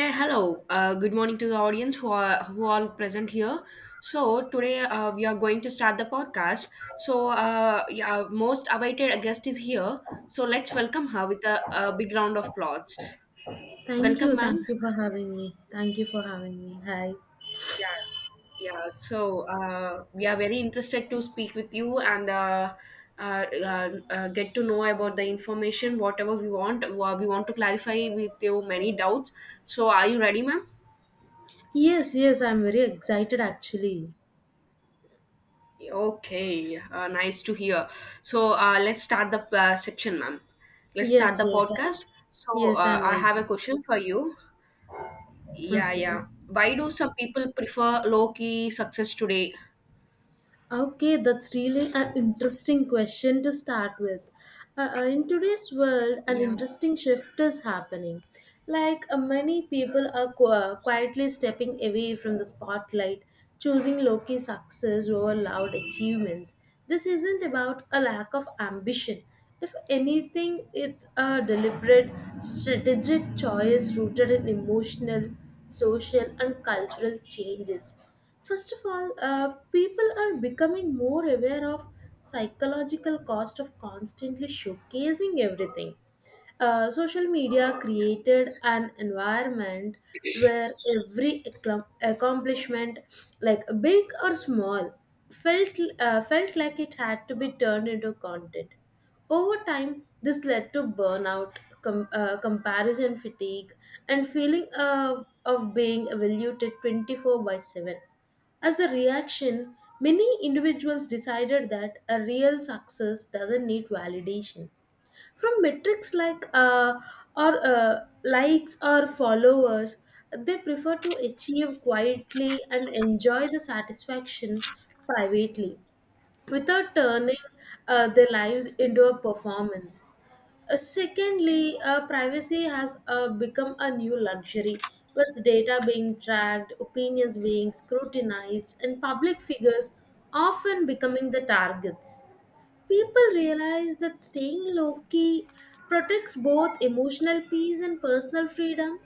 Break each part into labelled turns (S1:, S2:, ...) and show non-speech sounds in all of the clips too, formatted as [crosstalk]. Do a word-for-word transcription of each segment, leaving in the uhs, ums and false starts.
S1: Hey, hello. Uh, good morning to the audience who are who all present here. So today uh, we are going to start the podcast. So uh, yeah, our most awaited guest is here. So let's welcome her with a, a big round of applause.
S2: Thank
S1: Welcome,
S2: you. Thank
S1: ma'am.
S2: you for having me. Thank you for having me. Hi.
S1: Yeah, yeah. So uh, we are very interested to speak with you and uh, uh, uh, uh, get to know about the information, whatever we want. Uh, We want to clarify with you many doubts. So are you ready, ma'am?
S2: Yes, yes, I'm very excited actually.
S1: Okay, uh, nice to hear. So uh, let's start the uh, section, ma'am. Let's start
S2: Yes,
S1: the
S2: yes, I'm,
S1: podcast. So
S2: yes,
S1: uh,
S2: I'm
S1: I have a
S2: waiting.
S1: question for you. Yeah,
S2: Okay.
S1: yeah. Why do some people prefer low key success today?
S2: Okay, that's really an interesting question to start with. Uh, uh, in today's world, an
S1: Yeah,
S2: interesting shift is happening. Like uh, many people are qu- uh, quietly stepping away from the spotlight, choosing low-key success over loud achievements. This isn't about a lack of ambition. If anything, it's a deliberate, strategic choice rooted in emotional, social, and cultural changes. First of all, uh, people are becoming more aware of psychological cost of constantly showcasing everything. Uh, social media
S1: yeah,
S2: created an environment where every accom- accomplishment, like big or small, felt uh, felt like it had to be turned into content. Over time, this led to burnout, com- uh, comparison fatigue, and feeling of, of being evaluated twenty-four seven. As a reaction, many individuals decided that a real success doesn't need validation. From metrics like uh, or uh, likes or followers, they prefer to achieve quietly and enjoy the satisfaction privately without turning uh, their lives into a performance. Uh, secondly, uh, privacy has uh, become a new luxury, with data being tracked, opinions being scrutinized, and public figures often becoming the targets. People realize that staying low key protects both emotional peace and personal freedom.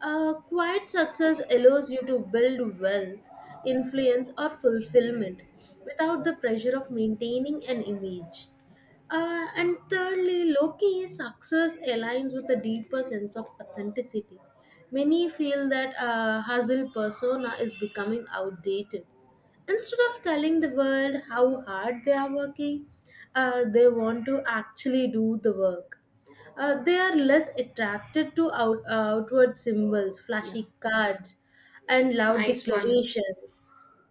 S2: uh, Quiet success allows you to build wealth, influence, or fulfillment without the pressure of maintaining an image. Uh, and thirdly, low key success aligns with a deeper sense of authenticity. Many feel that a hustle persona is becoming outdated. Instead of telling the world how hard they are working, uh, they want to actually do the work. Uh, they are less attracted to out, uh, outward symbols,
S1: yeah.
S2: flashy cards, and loud
S1: Nice one.
S2: declarations,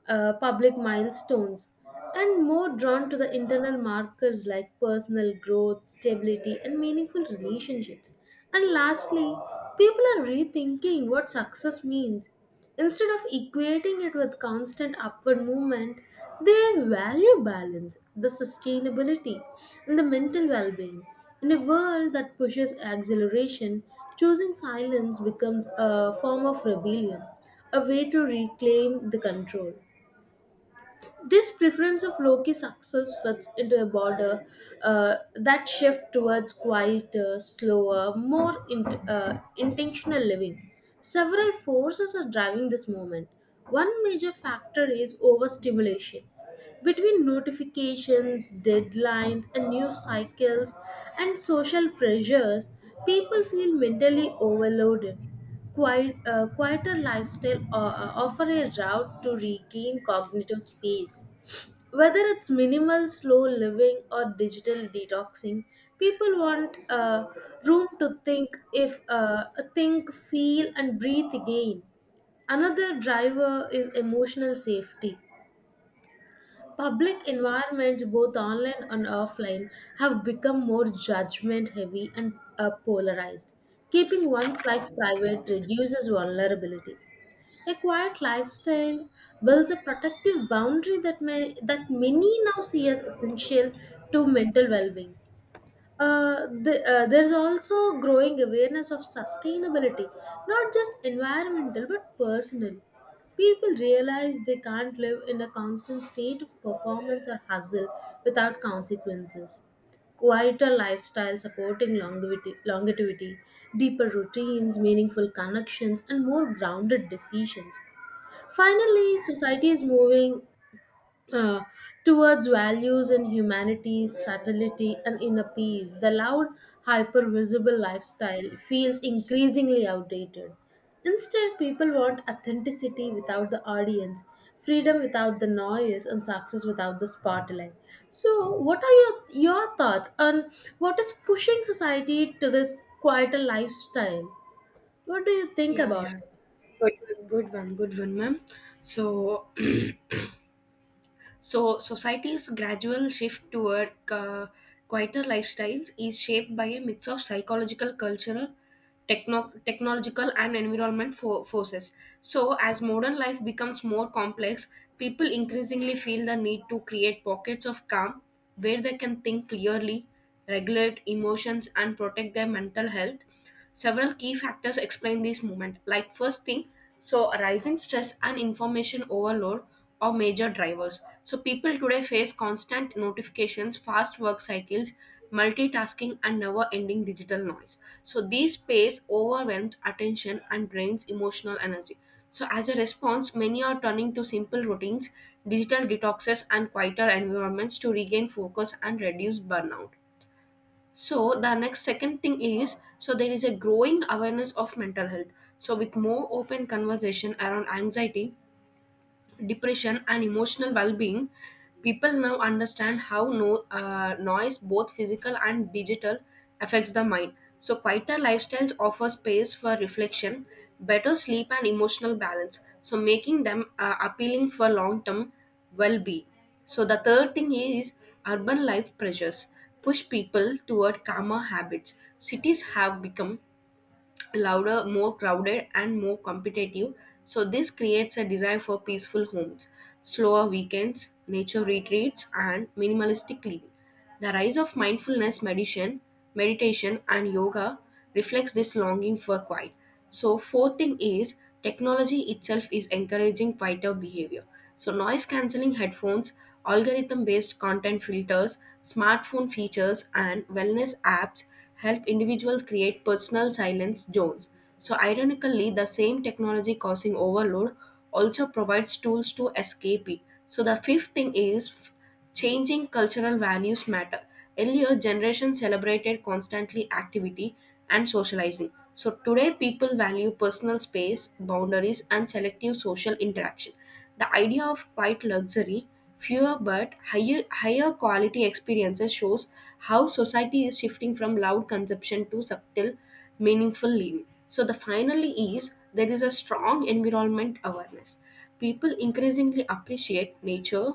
S2: uh, public milestones, and more drawn to the internal markers like personal growth, stability, and meaningful relationships. And lastly, people are rethinking what success means. Instead of equating it with constant upward movement, they value balance, the sustainability, and the mental well being. In a world that pushes acceleration, choosing silence becomes a form of rebellion, a way to reclaim the control. This preference of low-key success fits into a border uh, that shift towards quieter, slower, more in, uh, intentional living. Several forces are driving this movement. One major factor is overstimulation. Between notifications, deadlines, and news cycles, and social pressures, people feel mentally overloaded. Quiet, uh, quieter lifestyle o- uh, offer a route to regain cognitive space. Whether it's minimal, slow living, or digital detoxing, people want uh, room to think, if uh, think, feel, and breathe again. Another driver is emotional safety. Public environments, both online and offline, have become more judgment heavy and uh, polarized. Keeping one's life private reduces vulnerability. A quiet lifestyle builds a protective boundary that may, that many now see as essential to mental well-being. Uh, the, uh, there's also growing awareness of sustainability, not just environmental but personal. People realize they can't live in a constant state of performance or hustle without consequences. Quieter lifestyle supporting longevity, longevity, deeper routines, meaningful connections, and more grounded decisions. Finally, society is moving uh, towards values in humanity, subtlety, and inner peace. The loud, hyper visible lifestyle feels increasingly outdated. Instead, people want authenticity without the audience, freedom without the noise, and success without the spotlight. So, what are your, your thoughts on what is pushing society to this quieter lifestyle? What do you think
S1: Yeah,
S2: about
S1: yeah.
S2: it?
S1: Good, good one, good one, ma'am. So. [clears throat] So, society's gradual shift toward uh, quieter lifestyles is shaped by a mix of psychological, cultural, techno- technological, and environment fo- forces. So, as modern life becomes more complex, people increasingly feel the need to create pockets of calm where they can think clearly, regulate emotions, and protect their mental health. Several key factors explain this movement. Like, first thing, so a rising stress and information overload or major drivers. So people today face constant notifications, fast work cycles, multitasking and never-ending digital noise. So these space overwhelms attention and drains emotional energy. So as a response, many are turning to simple routines, digital detoxes and quieter environments to regain focus and reduce burnout. So the next second thing is so there is a growing awareness of mental health. So with more open conversation around anxiety, depression, and emotional well being, people now understand how no, uh, noise, both physical and digital, affects the mind. So, quieter lifestyles offer space for reflection, better sleep, and emotional balance. So, making them uh, appealing for long term well being. So, the third thing is urban life pressures push people toward calmer habits. Cities have become louder, more crowded, and more competitive. So, this creates a desire for peaceful homes, slower weekends, nature retreats, and minimalistic living. The rise of mindfulness meditation, meditation and yoga reflects this longing for quiet. So, fourth thing is technology itself is encouraging quieter behavior. So, noise cancelling headphones, algorithm based content filters, smartphone features, and wellness apps help individuals create personal silence zones. So, ironically, the same technology causing overload also provides tools to escape it. So, the fifth thing is f- changing cultural values matter. Earlier, generations celebrated constantly activity and socializing. So, today, people value personal space, boundaries, and selective social interaction. The idea of quite luxury, fewer but higher, higher quality experiences shows how society is shifting from loud consumption to subtle, meaningful living. So, the finally is there is a strong environment awareness. People increasingly appreciate nature,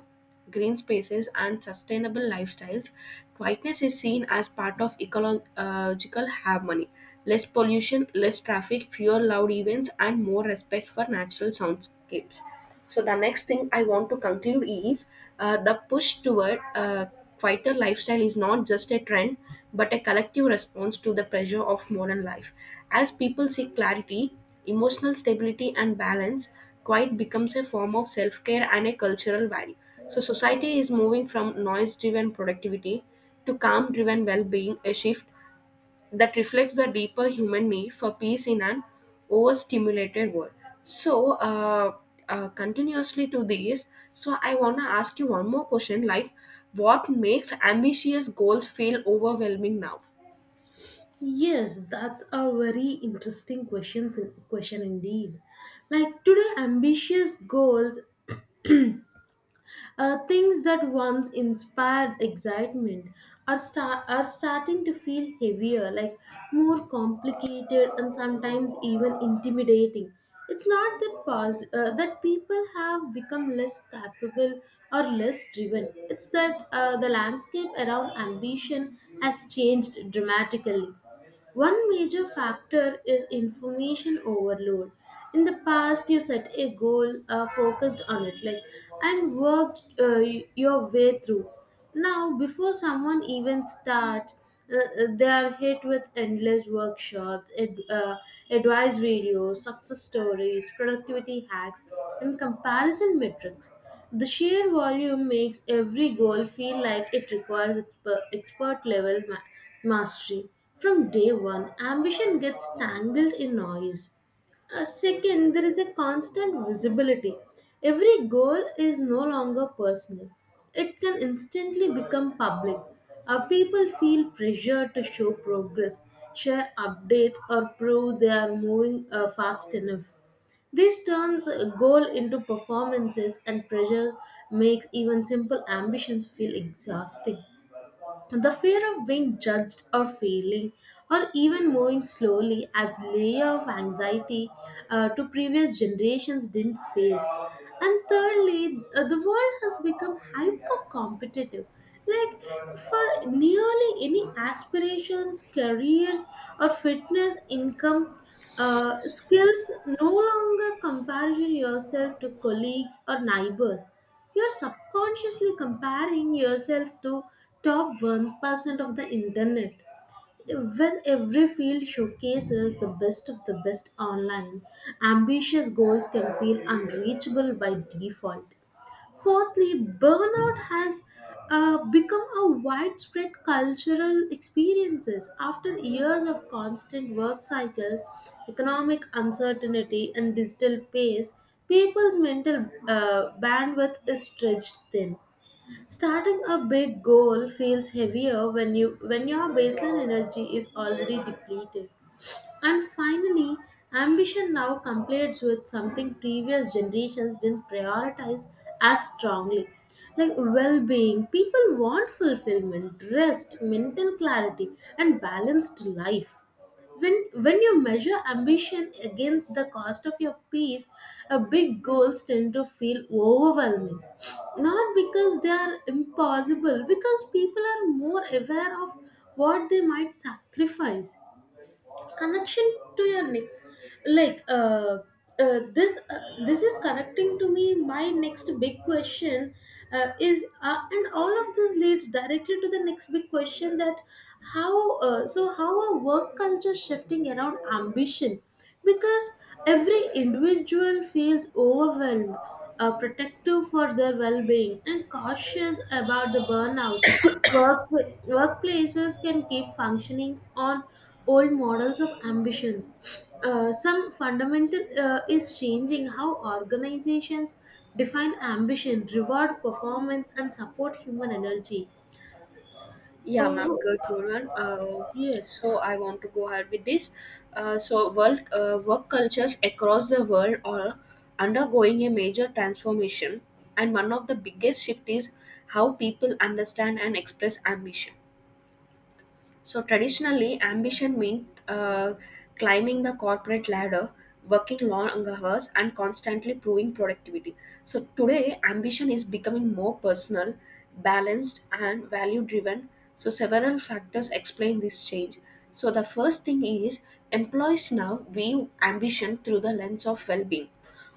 S1: green spaces, and sustainable lifestyles. Quietness is seen as part of ecological harmony less pollution, less traffic, fewer loud events, and more respect for natural soundscapes. So the next thing I want to conclude is uh, the push toward a quieter lifestyle is not just a trend but a collective response to the pressure of modern life. As people seek clarity, emotional stability, and balance, quiet becomes a form of self care and a cultural value. So society is moving from noise driven productivity to calm driven well being, a shift that reflects the deeper human need for peace in an overstimulated world. So, uh, uh, continuously to this, so I want to ask you one more question like, what makes ambitious goals feel overwhelming now?
S2: Yes, that's a very interesting questions question indeed. Like today, ambitious goals, uh, things that once inspired excitement, are start are starting to feel heavier, like more complicated and sometimes even intimidating. It's not that pos- uh, that people have become less capable or less driven. It's that uh, the landscape around ambition has changed dramatically. One major factor is information overload. In the past, you set a goal, uh, focused on it, like and worked uh, y- your way through. Now, before someone even starts, uh, uh, they are hit with endless workshops, ad, uh, advice videos, success stories, productivity hacks, and comparison metrics. The sheer volume makes every goal feel like it requires exper- expert level ma- mastery. From day one, ambition gets tangled in noise. Uh, second, there is a constant visibility. Every goal is no longer personal, it can instantly become public. Our people feel pressure to show progress, share updates, or prove they are moving uh, fast enough. This turns a goal into performances, and pressure makes even simple ambitions feel exhausting. The fear of being judged or failing or even moving slowly adds layer of anxiety uh, to previous generations didn't face. And thirdly, uh, the world has become hyper competitive. Like for nearly any aspirations, careers, or fitness, income, uh, skills, no longer comparison yourself to colleagues or neighbors, you're subconsciously comparing yourself to top one percent of the internet. When every field showcases the best of the best online, ambitious goals can feel unreachable by default. Fourthly, burnout has uh, become a widespread cultural experiences after years of constant work cycles, economic uncertainty, and digital pace. People's mental uh, bandwidth is stretched thin. Starting a big goal feels heavier when you when your baseline energy is already depleted. And finally, ambition now competes with something previous generations didn't prioritize as strongly. Like well being, people want fulfillment, rest, mental clarity, and balanced life. When, when you measure ambition against the cost of your peace, uh, big goals tend to feel overwhelming. Not because they are impossible, because people are more aware of what they might sacrifice, connection to your neck, like uh, uh, this uh, this is connecting to me my next big question uh, is, uh, and all of this leads directly to the next big question: that how uh, so how are work culture shifting around ambition, because every individual feels overwhelmed, uh, protective for their well-being, and cautious about the burnouts. Work, workplaces can keep functioning on old models of ambitions. Uh, some fundamental uh, is changing how organizations define ambition, reward performance, and support human energy.
S1: Yeah, ma'am,
S2: Oh,
S1: good, good one. Uh,
S2: yes,
S1: so I want to go ahead with this. Uh, so work, uh, work cultures across the world are undergoing a major transformation, and one of the biggest shift is how people understand and express ambition. So traditionally, ambition meant uh, climbing the corporate ladder, working long hours, and constantly proving productivity. So today, ambition is becoming more personal, balanced, and value driven. So several factors explain this change. So the first thing is employees now view ambition through the lens of well-being.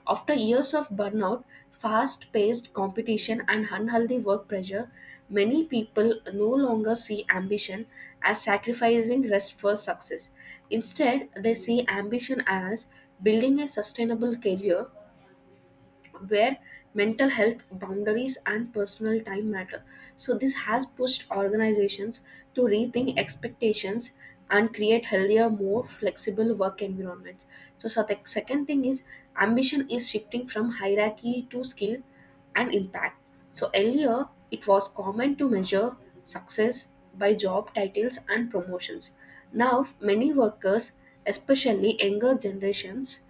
S1: After years of burnout, fast paced competition, and unhealthy work pressure, many people no longer see ambition as sacrificing rest for success. Instead, they see ambition as building a sustainable career where mental health boundaries and personal time matter. So this has pushed organizations to rethink expectations and create healthier more flexible work environments. So so the second thing is ambition is shifting from hierarchy to skill and impact. So earlier it was common to measure success by job titles and promotions. Now many workers, especially younger generations,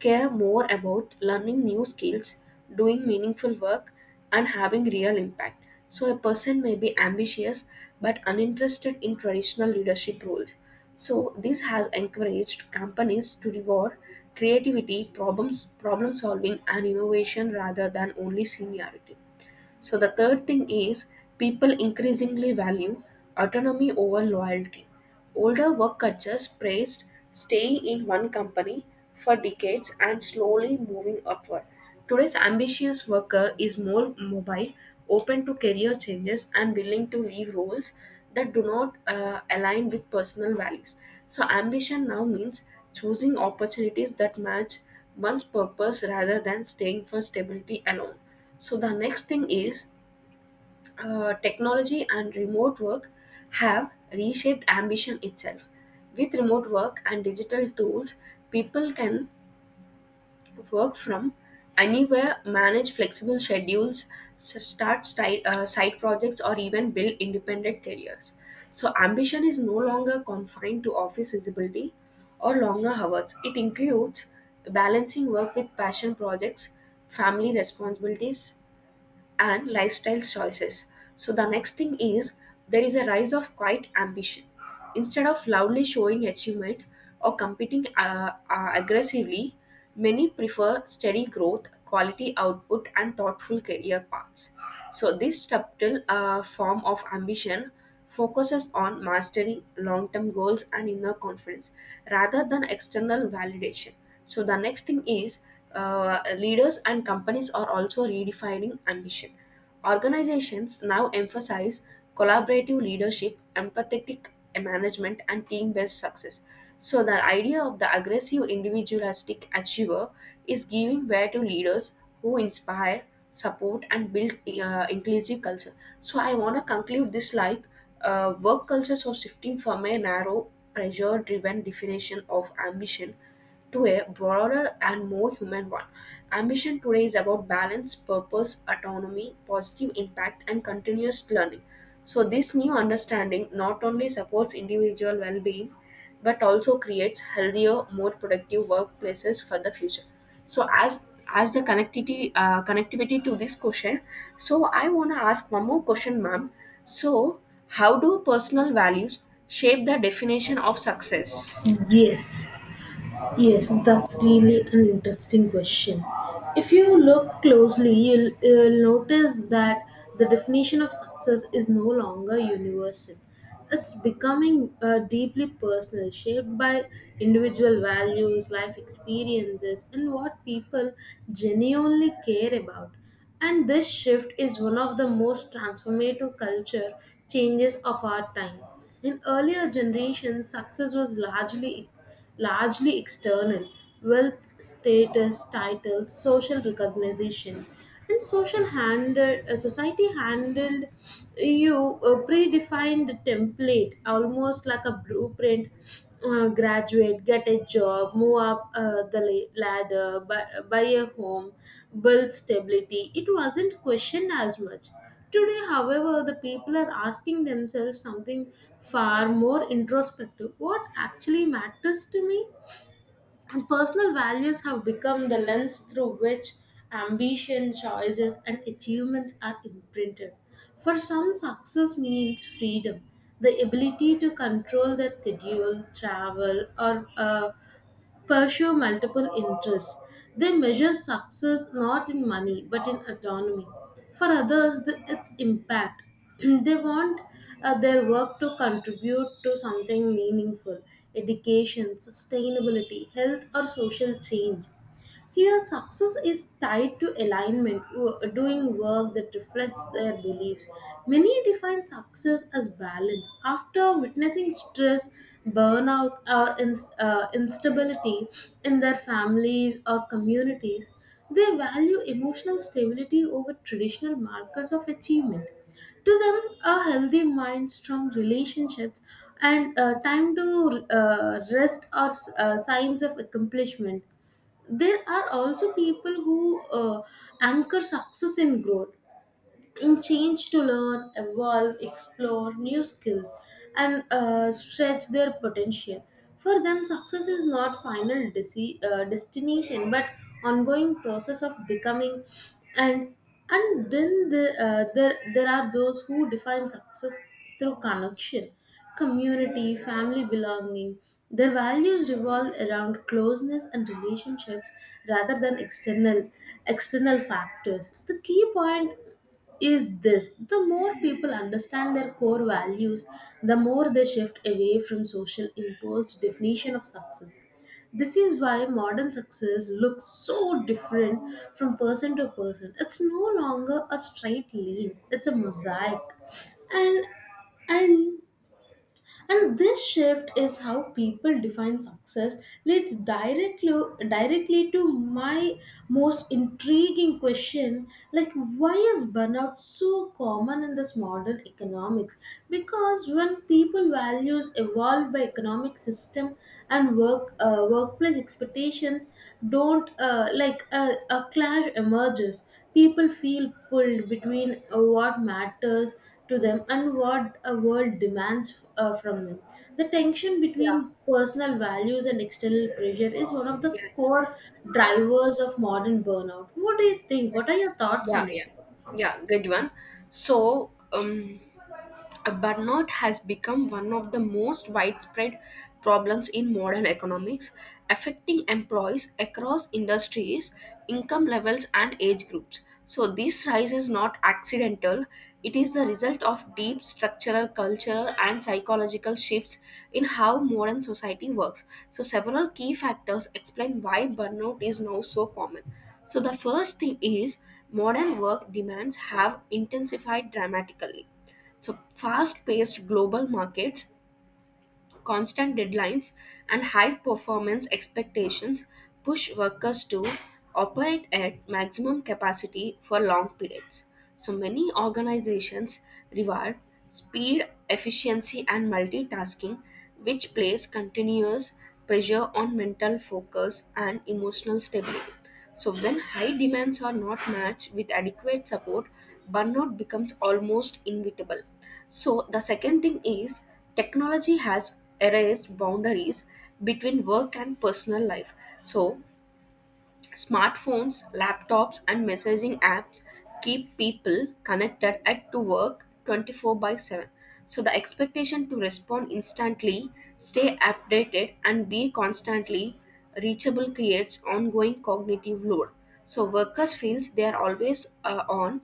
S1: care more about learning new skills, doing meaningful work, and having real impact. So, a person may be ambitious but uninterested in traditional leadership roles. So, this has encouraged companies to reward creativity, problems, problem solving, and innovation rather than only seniority. So the third thing is people increasingly value autonomy over loyalty. Older work cultures praised staying in one company for decades and slowly moving upward. Today's ambitious worker is more mobile, open to career changes, and willing to leave roles that do not uh, align with personal values. So, ambition now means choosing opportunities that match one's purpose rather than staying for stability alone. So the next thing is uh, technology and remote work have reshaped ambition itself. With remote work and digital tools, people can work from anywhere, manage flexible schedules, s- start sti- uh, side projects, or even build independent careers. So ambition is no longer confined to office visibility or longer hours. It includes balancing work with passion projects, family responsibilities, and lifestyle choices. So the next thing is there is a rise of quiet ambition. Instead of loudly showing achievement or competing uh, uh, aggressively, many prefer steady growth, quality output, and thoughtful career paths. So, this subtle uh, form of ambition focuses on mastering long term goals and inner confidence rather than external validation. So, the next thing is uh, leaders and companies are also redefining ambition. Organizations now emphasize collaborative leadership, empathetic management, and team based success. So, the idea of the aggressive individualistic achiever is giving way to leaders who inspire support and build uh, inclusive culture. So I want to conclude this like uh, work cultures are shifting from a narrow, pressure driven definition of ambition to a broader and more human one. Ambition today is about balance, purpose, autonomy, positive impact, and continuous learning. So, this new understanding not only supports individual well being but also creates healthier, more productive workplaces for the future. So, as as the connectivity uh, connectivity to this question, so I want to ask one more question, ma'am. So, how do personal values shape the definition of success?
S2: yes. Yes, that's really an interesting question. If you look closely, you'll, you'll notice that the definition of success is no longer universal. It's becoming uh, deeply personal, shaped by individual values, life experiences, and what people genuinely care about. And this shift is one of the most transformative culture changes of our time. In earlier generations, success was largely largely external wealth, status, titles, social recognition. And social handled, uh, society handled you a predefined template, almost like a blueprint. Uh, graduate, get a job, move up uh, the la- ladder, buy, buy a home, build stability. It wasn't questioned as much. Today, however, the people are asking themselves something far more introspective: what actually matters to me? And personal values have become the lens through which ambition, choices, and achievements are imprinted. For some, success means freedom, the ability to control their schedule, travel, or uh, pursue multiple interests. They measure success not in money but in autonomy. For others, the, it's impact. [clears throat] They want uh, their work to contribute to something meaningful: education, sustainability, health, or social change. Here, success is tied to alignment, w- doing work that reflects their beliefs. Many define success as balance. After witnessing stress, burnouts, or ins- uh, instability in their families or communities, they value emotional stability over traditional markers of achievement. To them, a healthy mind, strong relationships, and uh, time to uh, rest are uh, signs of accomplishment. There are also people who uh, anchor success in growth, in change, to learn, evolve, explore new skills, and uh, stretch their potential. For them, success is not final desi- uh, destination, but ongoing process of becoming. And and then the, uh, there there are those who define success through connection, community, family belonging. Their values revolve around closeness and relationships rather than external external factors. The key point is this: the more people understand their core values, the more they shift away from social imposed definition of success. This is why modern success looks so different from person to person. It's no longer a straight line, it's a mosaic. And and and this shift is how people define success leads directly directly to my most intriguing question: like why is burnout so common in this modern economics? Because when people values evolved by economic system and work uh, workplace expectations don't, uh, like a, a clash emerges. People feel pulled between uh, what matters to them and what a world demands uh, from them. The tension
S1: Yeah,
S2: between personal values and external pressure is one of the
S1: yeah.
S2: core drivers of modern burnout. What do you think? What are your thoughts
S1: Yeah,
S2: on it?
S1: yeah, yeah. Good one. So, um, uh, burnout has become one of the most widespread problems in modern economics, affecting employees across industries, income levels, and age groups. So, this rise is not accidental, it is the result of deep structural, cultural, and psychological shifts in how modern society works. So, several key factors explain why burnout is now so common. So, the first thing is modern work demands have intensified dramatically. So, fast paced global markets, constant deadlines, and high performance expectations push workers to operate at maximum capacity for long periods. So, many organizations reward speed, efficiency, and multitasking, which place continuous pressure on mental focus and emotional stability. So, when high demands are not matched with adequate support, burnout becomes almost inevitable. So, the second thing is technology has erased boundaries between work and personal life. So, smartphones, laptops, and messaging apps keep people connected at to work twenty four by seven. So the expectation to respond instantly, stay updated, and be constantly reachable creates ongoing cognitive load. So workers feels they are always uh, on,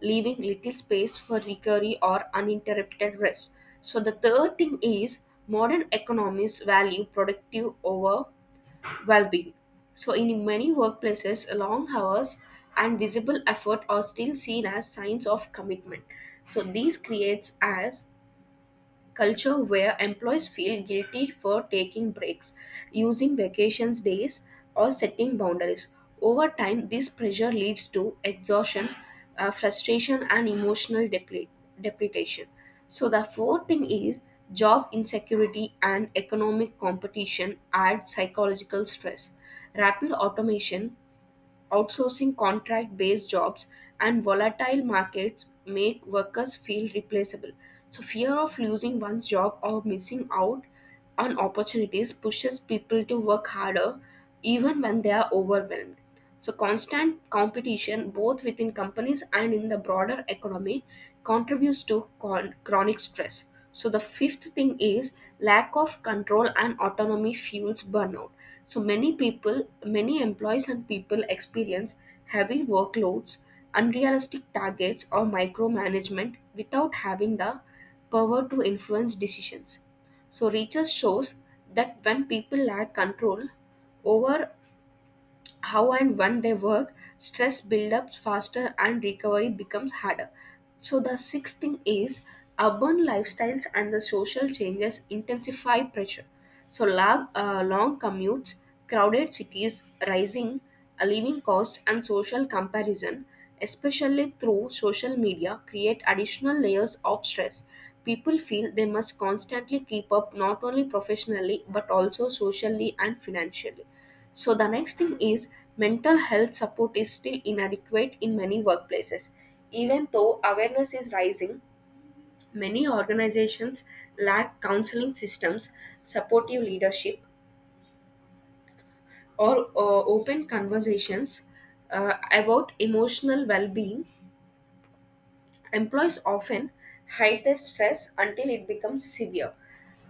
S1: leaving little space for recovery or uninterrupted rest. So the third thing is modern economies value productive over well-being. So in many workplaces, long hours and visible effort are still seen as signs of commitment. So these creates as culture where employees feel guilty for taking breaks, using vacations days, or setting boundaries. Over time, this pressure leads to exhaustion, uh, frustration, and emotional deplete, depletion. So, the fourth thing is job insecurity and economic competition add psychological stress. Rapid automation, outsourcing contract based jobs and volatile markets make workers feel replaceable. So, fear of losing one's job or missing out on opportunities pushes people to work harder even when they are overwhelmed. So, constant competition both within companies and in the broader economy contributes to con- chronic stress. So, the fifth thing is lack of control and autonomy fuels burnout. So many people, many employees and people experience heavy workloads, unrealistic targets, or micromanagement without having the power to influence decisions. So research shows that when people lack control over how and when they work, stress builds up faster and recovery becomes harder. So, the sixth thing is urban lifestyles and the social changes intensify pressure. So, long, uh, long commutes, crowded cities, rising uh, living cost, and social comparison, especially through social media, create additional layers of stress. People feel they must constantly keep up not only professionally but also socially and financially. So the next thing is mental health support is still inadequate in many workplaces. Even though awareness is rising, many organizations lack counseling systems, supportive leadership, or uh, open conversations uh, about emotional well being. Employees often hide their stress until it becomes severe.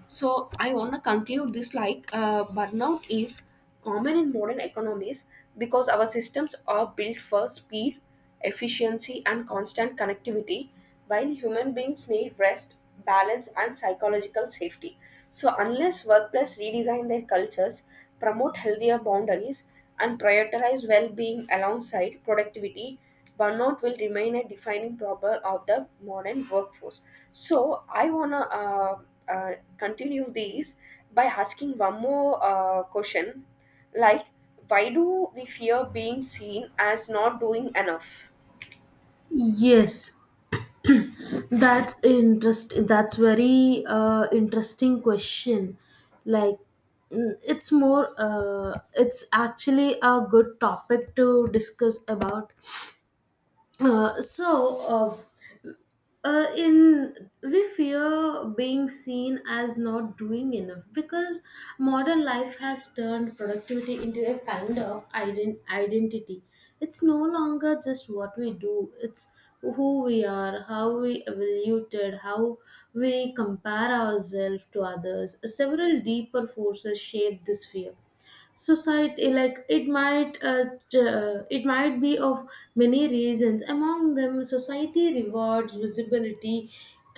S1: So I want to conclude this like uh, burnout is common in modern economies because our systems are built for speed, efficiency, and constant connectivity, while human beings need rest, balance, and psychological safety. So unless workplace redesign their cultures, promote healthier boundaries, and prioritize well-being alongside productivity, burnout will remain a defining problem of the modern workforce. So I wanna uh, uh, continue these by asking one more uh, question, like why do we fear being seen as not doing enough?
S2: Yes, that's interest. That's very uh, interesting question. Like, mm, it's more. Uh, it's actually a good topic to discuss about. Uh, so, uh, uh, in We fear being seen as not doing enough because modern life has turned productivity into a kind of ident- identity. It's no longer just what we do, it's who we are, how we evaluated, how we compare ourselves to others. Several deeper forces shape this fear. Society, like it might uh, j- uh, it might be of many reasons. Among them, society rewards visibility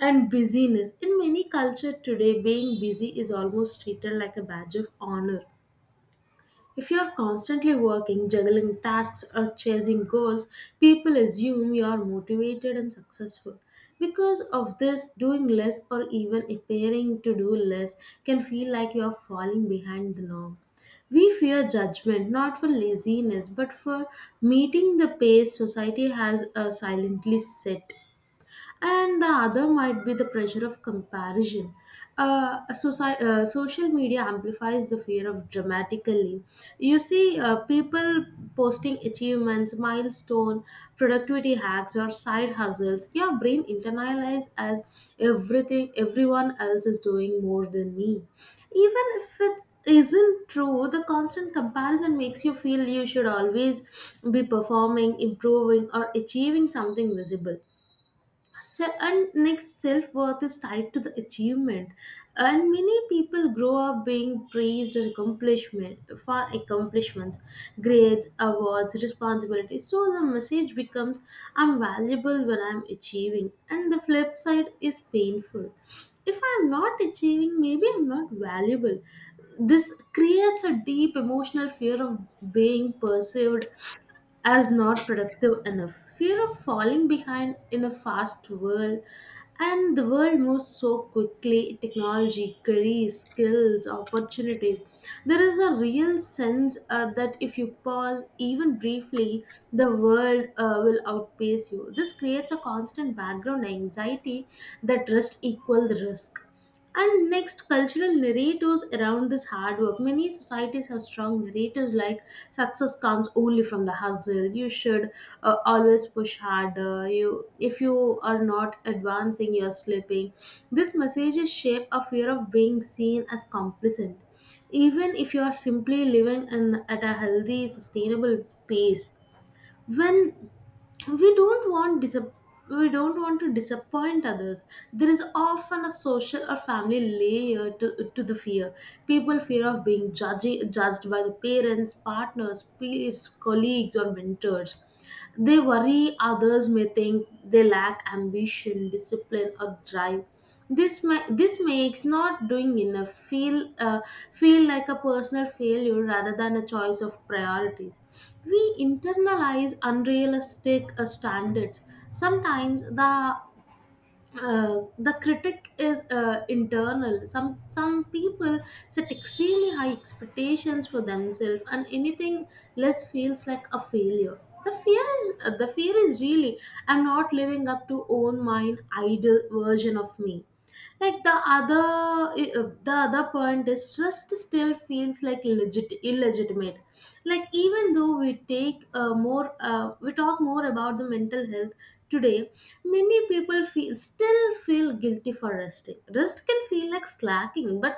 S2: and busyness. In many culture today, being busy is almost treated like a badge of honor. If you're constantly working, juggling tasks, or chasing goals, people assume you're motivated and successful. Because of this, doing less or even appearing to do less can feel like you're falling behind the norm. We fear judgment not for laziness but for meeting the pace society has uh, silently set. And the other might be the pressure of comparison. Uh, soci- uh, social media amplifies the fear of dramatically. You see, uh, people posting achievements, milestone, productivity hacks, or side hustles. Your brain internalizes as everything everyone else is doing more than me, even if it isn't true. The constant comparison makes you feel you should always be performing, improving, or achieving something visible. Se- and next, self-worth is tied to the achievement, and many people grow up being praised and accomplishment for accomplishments, grades, awards, responsibilities. So the message becomes, I'm valuable when I'm achieving. And the flip side is painful: if I'm not achieving, maybe I'm not valuable. This creates a deep emotional fear of being perceived as not productive enough. Fear of falling behind in a fast world, and the world moves so quickly: technology, careers, skills, opportunities. There is a real sense uh, that if you pause even briefly, the world uh, will outpace you. This creates a constant background anxiety that rest equal the risk. And next, cultural narrators around this hard work. Many societies have strong narratives like success comes only from the hustle. You should uh, always push harder. You, if you are not advancing, you are slipping. These messages shape a fear of being seen as complicit, even if you are simply living in, at a healthy, sustainable pace. When we don't want disap- we don't want to disappoint others, there is often a social or family layer to, to the fear. People fear of being judgy, judged by the parents, partners, peers, colleagues, or mentors. They worry others may think they lack ambition, discipline, or drive. This ma- this makes not doing enough feel uh, feel like a personal failure rather than a choice of priorities. We internalize unrealistic uh, standards. Sometimes the uh, the critic is uh, internal. Some some people set extremely high expectations for themselves, and anything less feels like a failure. The fear is uh, the fear is really, I'm not living up to own mine ideal version of me. Like the other, uh, the other point is just still feels like legit illegitimate. Like, even though we take uh, more uh, we talk more about the mental health today, many people feel still feel guilty for resting. Rest can feel like slacking, but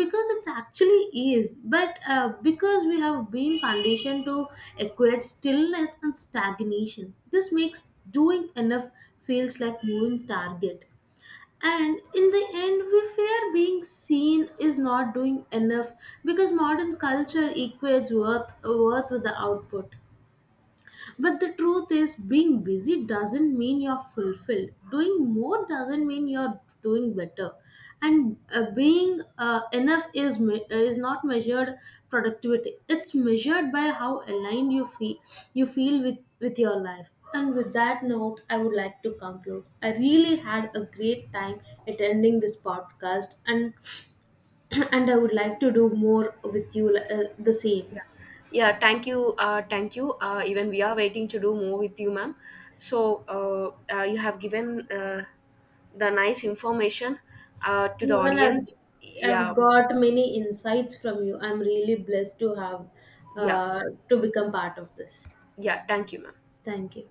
S2: because it's actually is, but uh, because we have been conditioned to equate stillness and stagnation, this makes doing enough feels like moving target. And in the end, we fear being seen is not doing enough because modern culture equates worth, worth with the output. But the truth is, being busy doesn't mean you're fulfilled. Doing more doesn't mean you're doing better. And uh, being uh, enough is me- is not measured productivity. It's measured by how aligned you feel you feel with with your life. And with that note, I would like to conclude. I really had a great time attending this podcast, and [clears throat] and I would like to do more with you uh, the same.
S1: Yeah, yeah. Thank you, uh, thank you. Uh, even we are waiting to do more with you, ma'am. So uh, uh, you have given uh, the nice information uh, to the
S2: Even I've,
S1: audience.
S2: I've
S1: Yeah,
S2: got many insights from you. I'm really blessed to have
S1: yeah,
S2: uh, to become part of this.
S1: yeah. Thank you, ma'am.
S2: Thank you.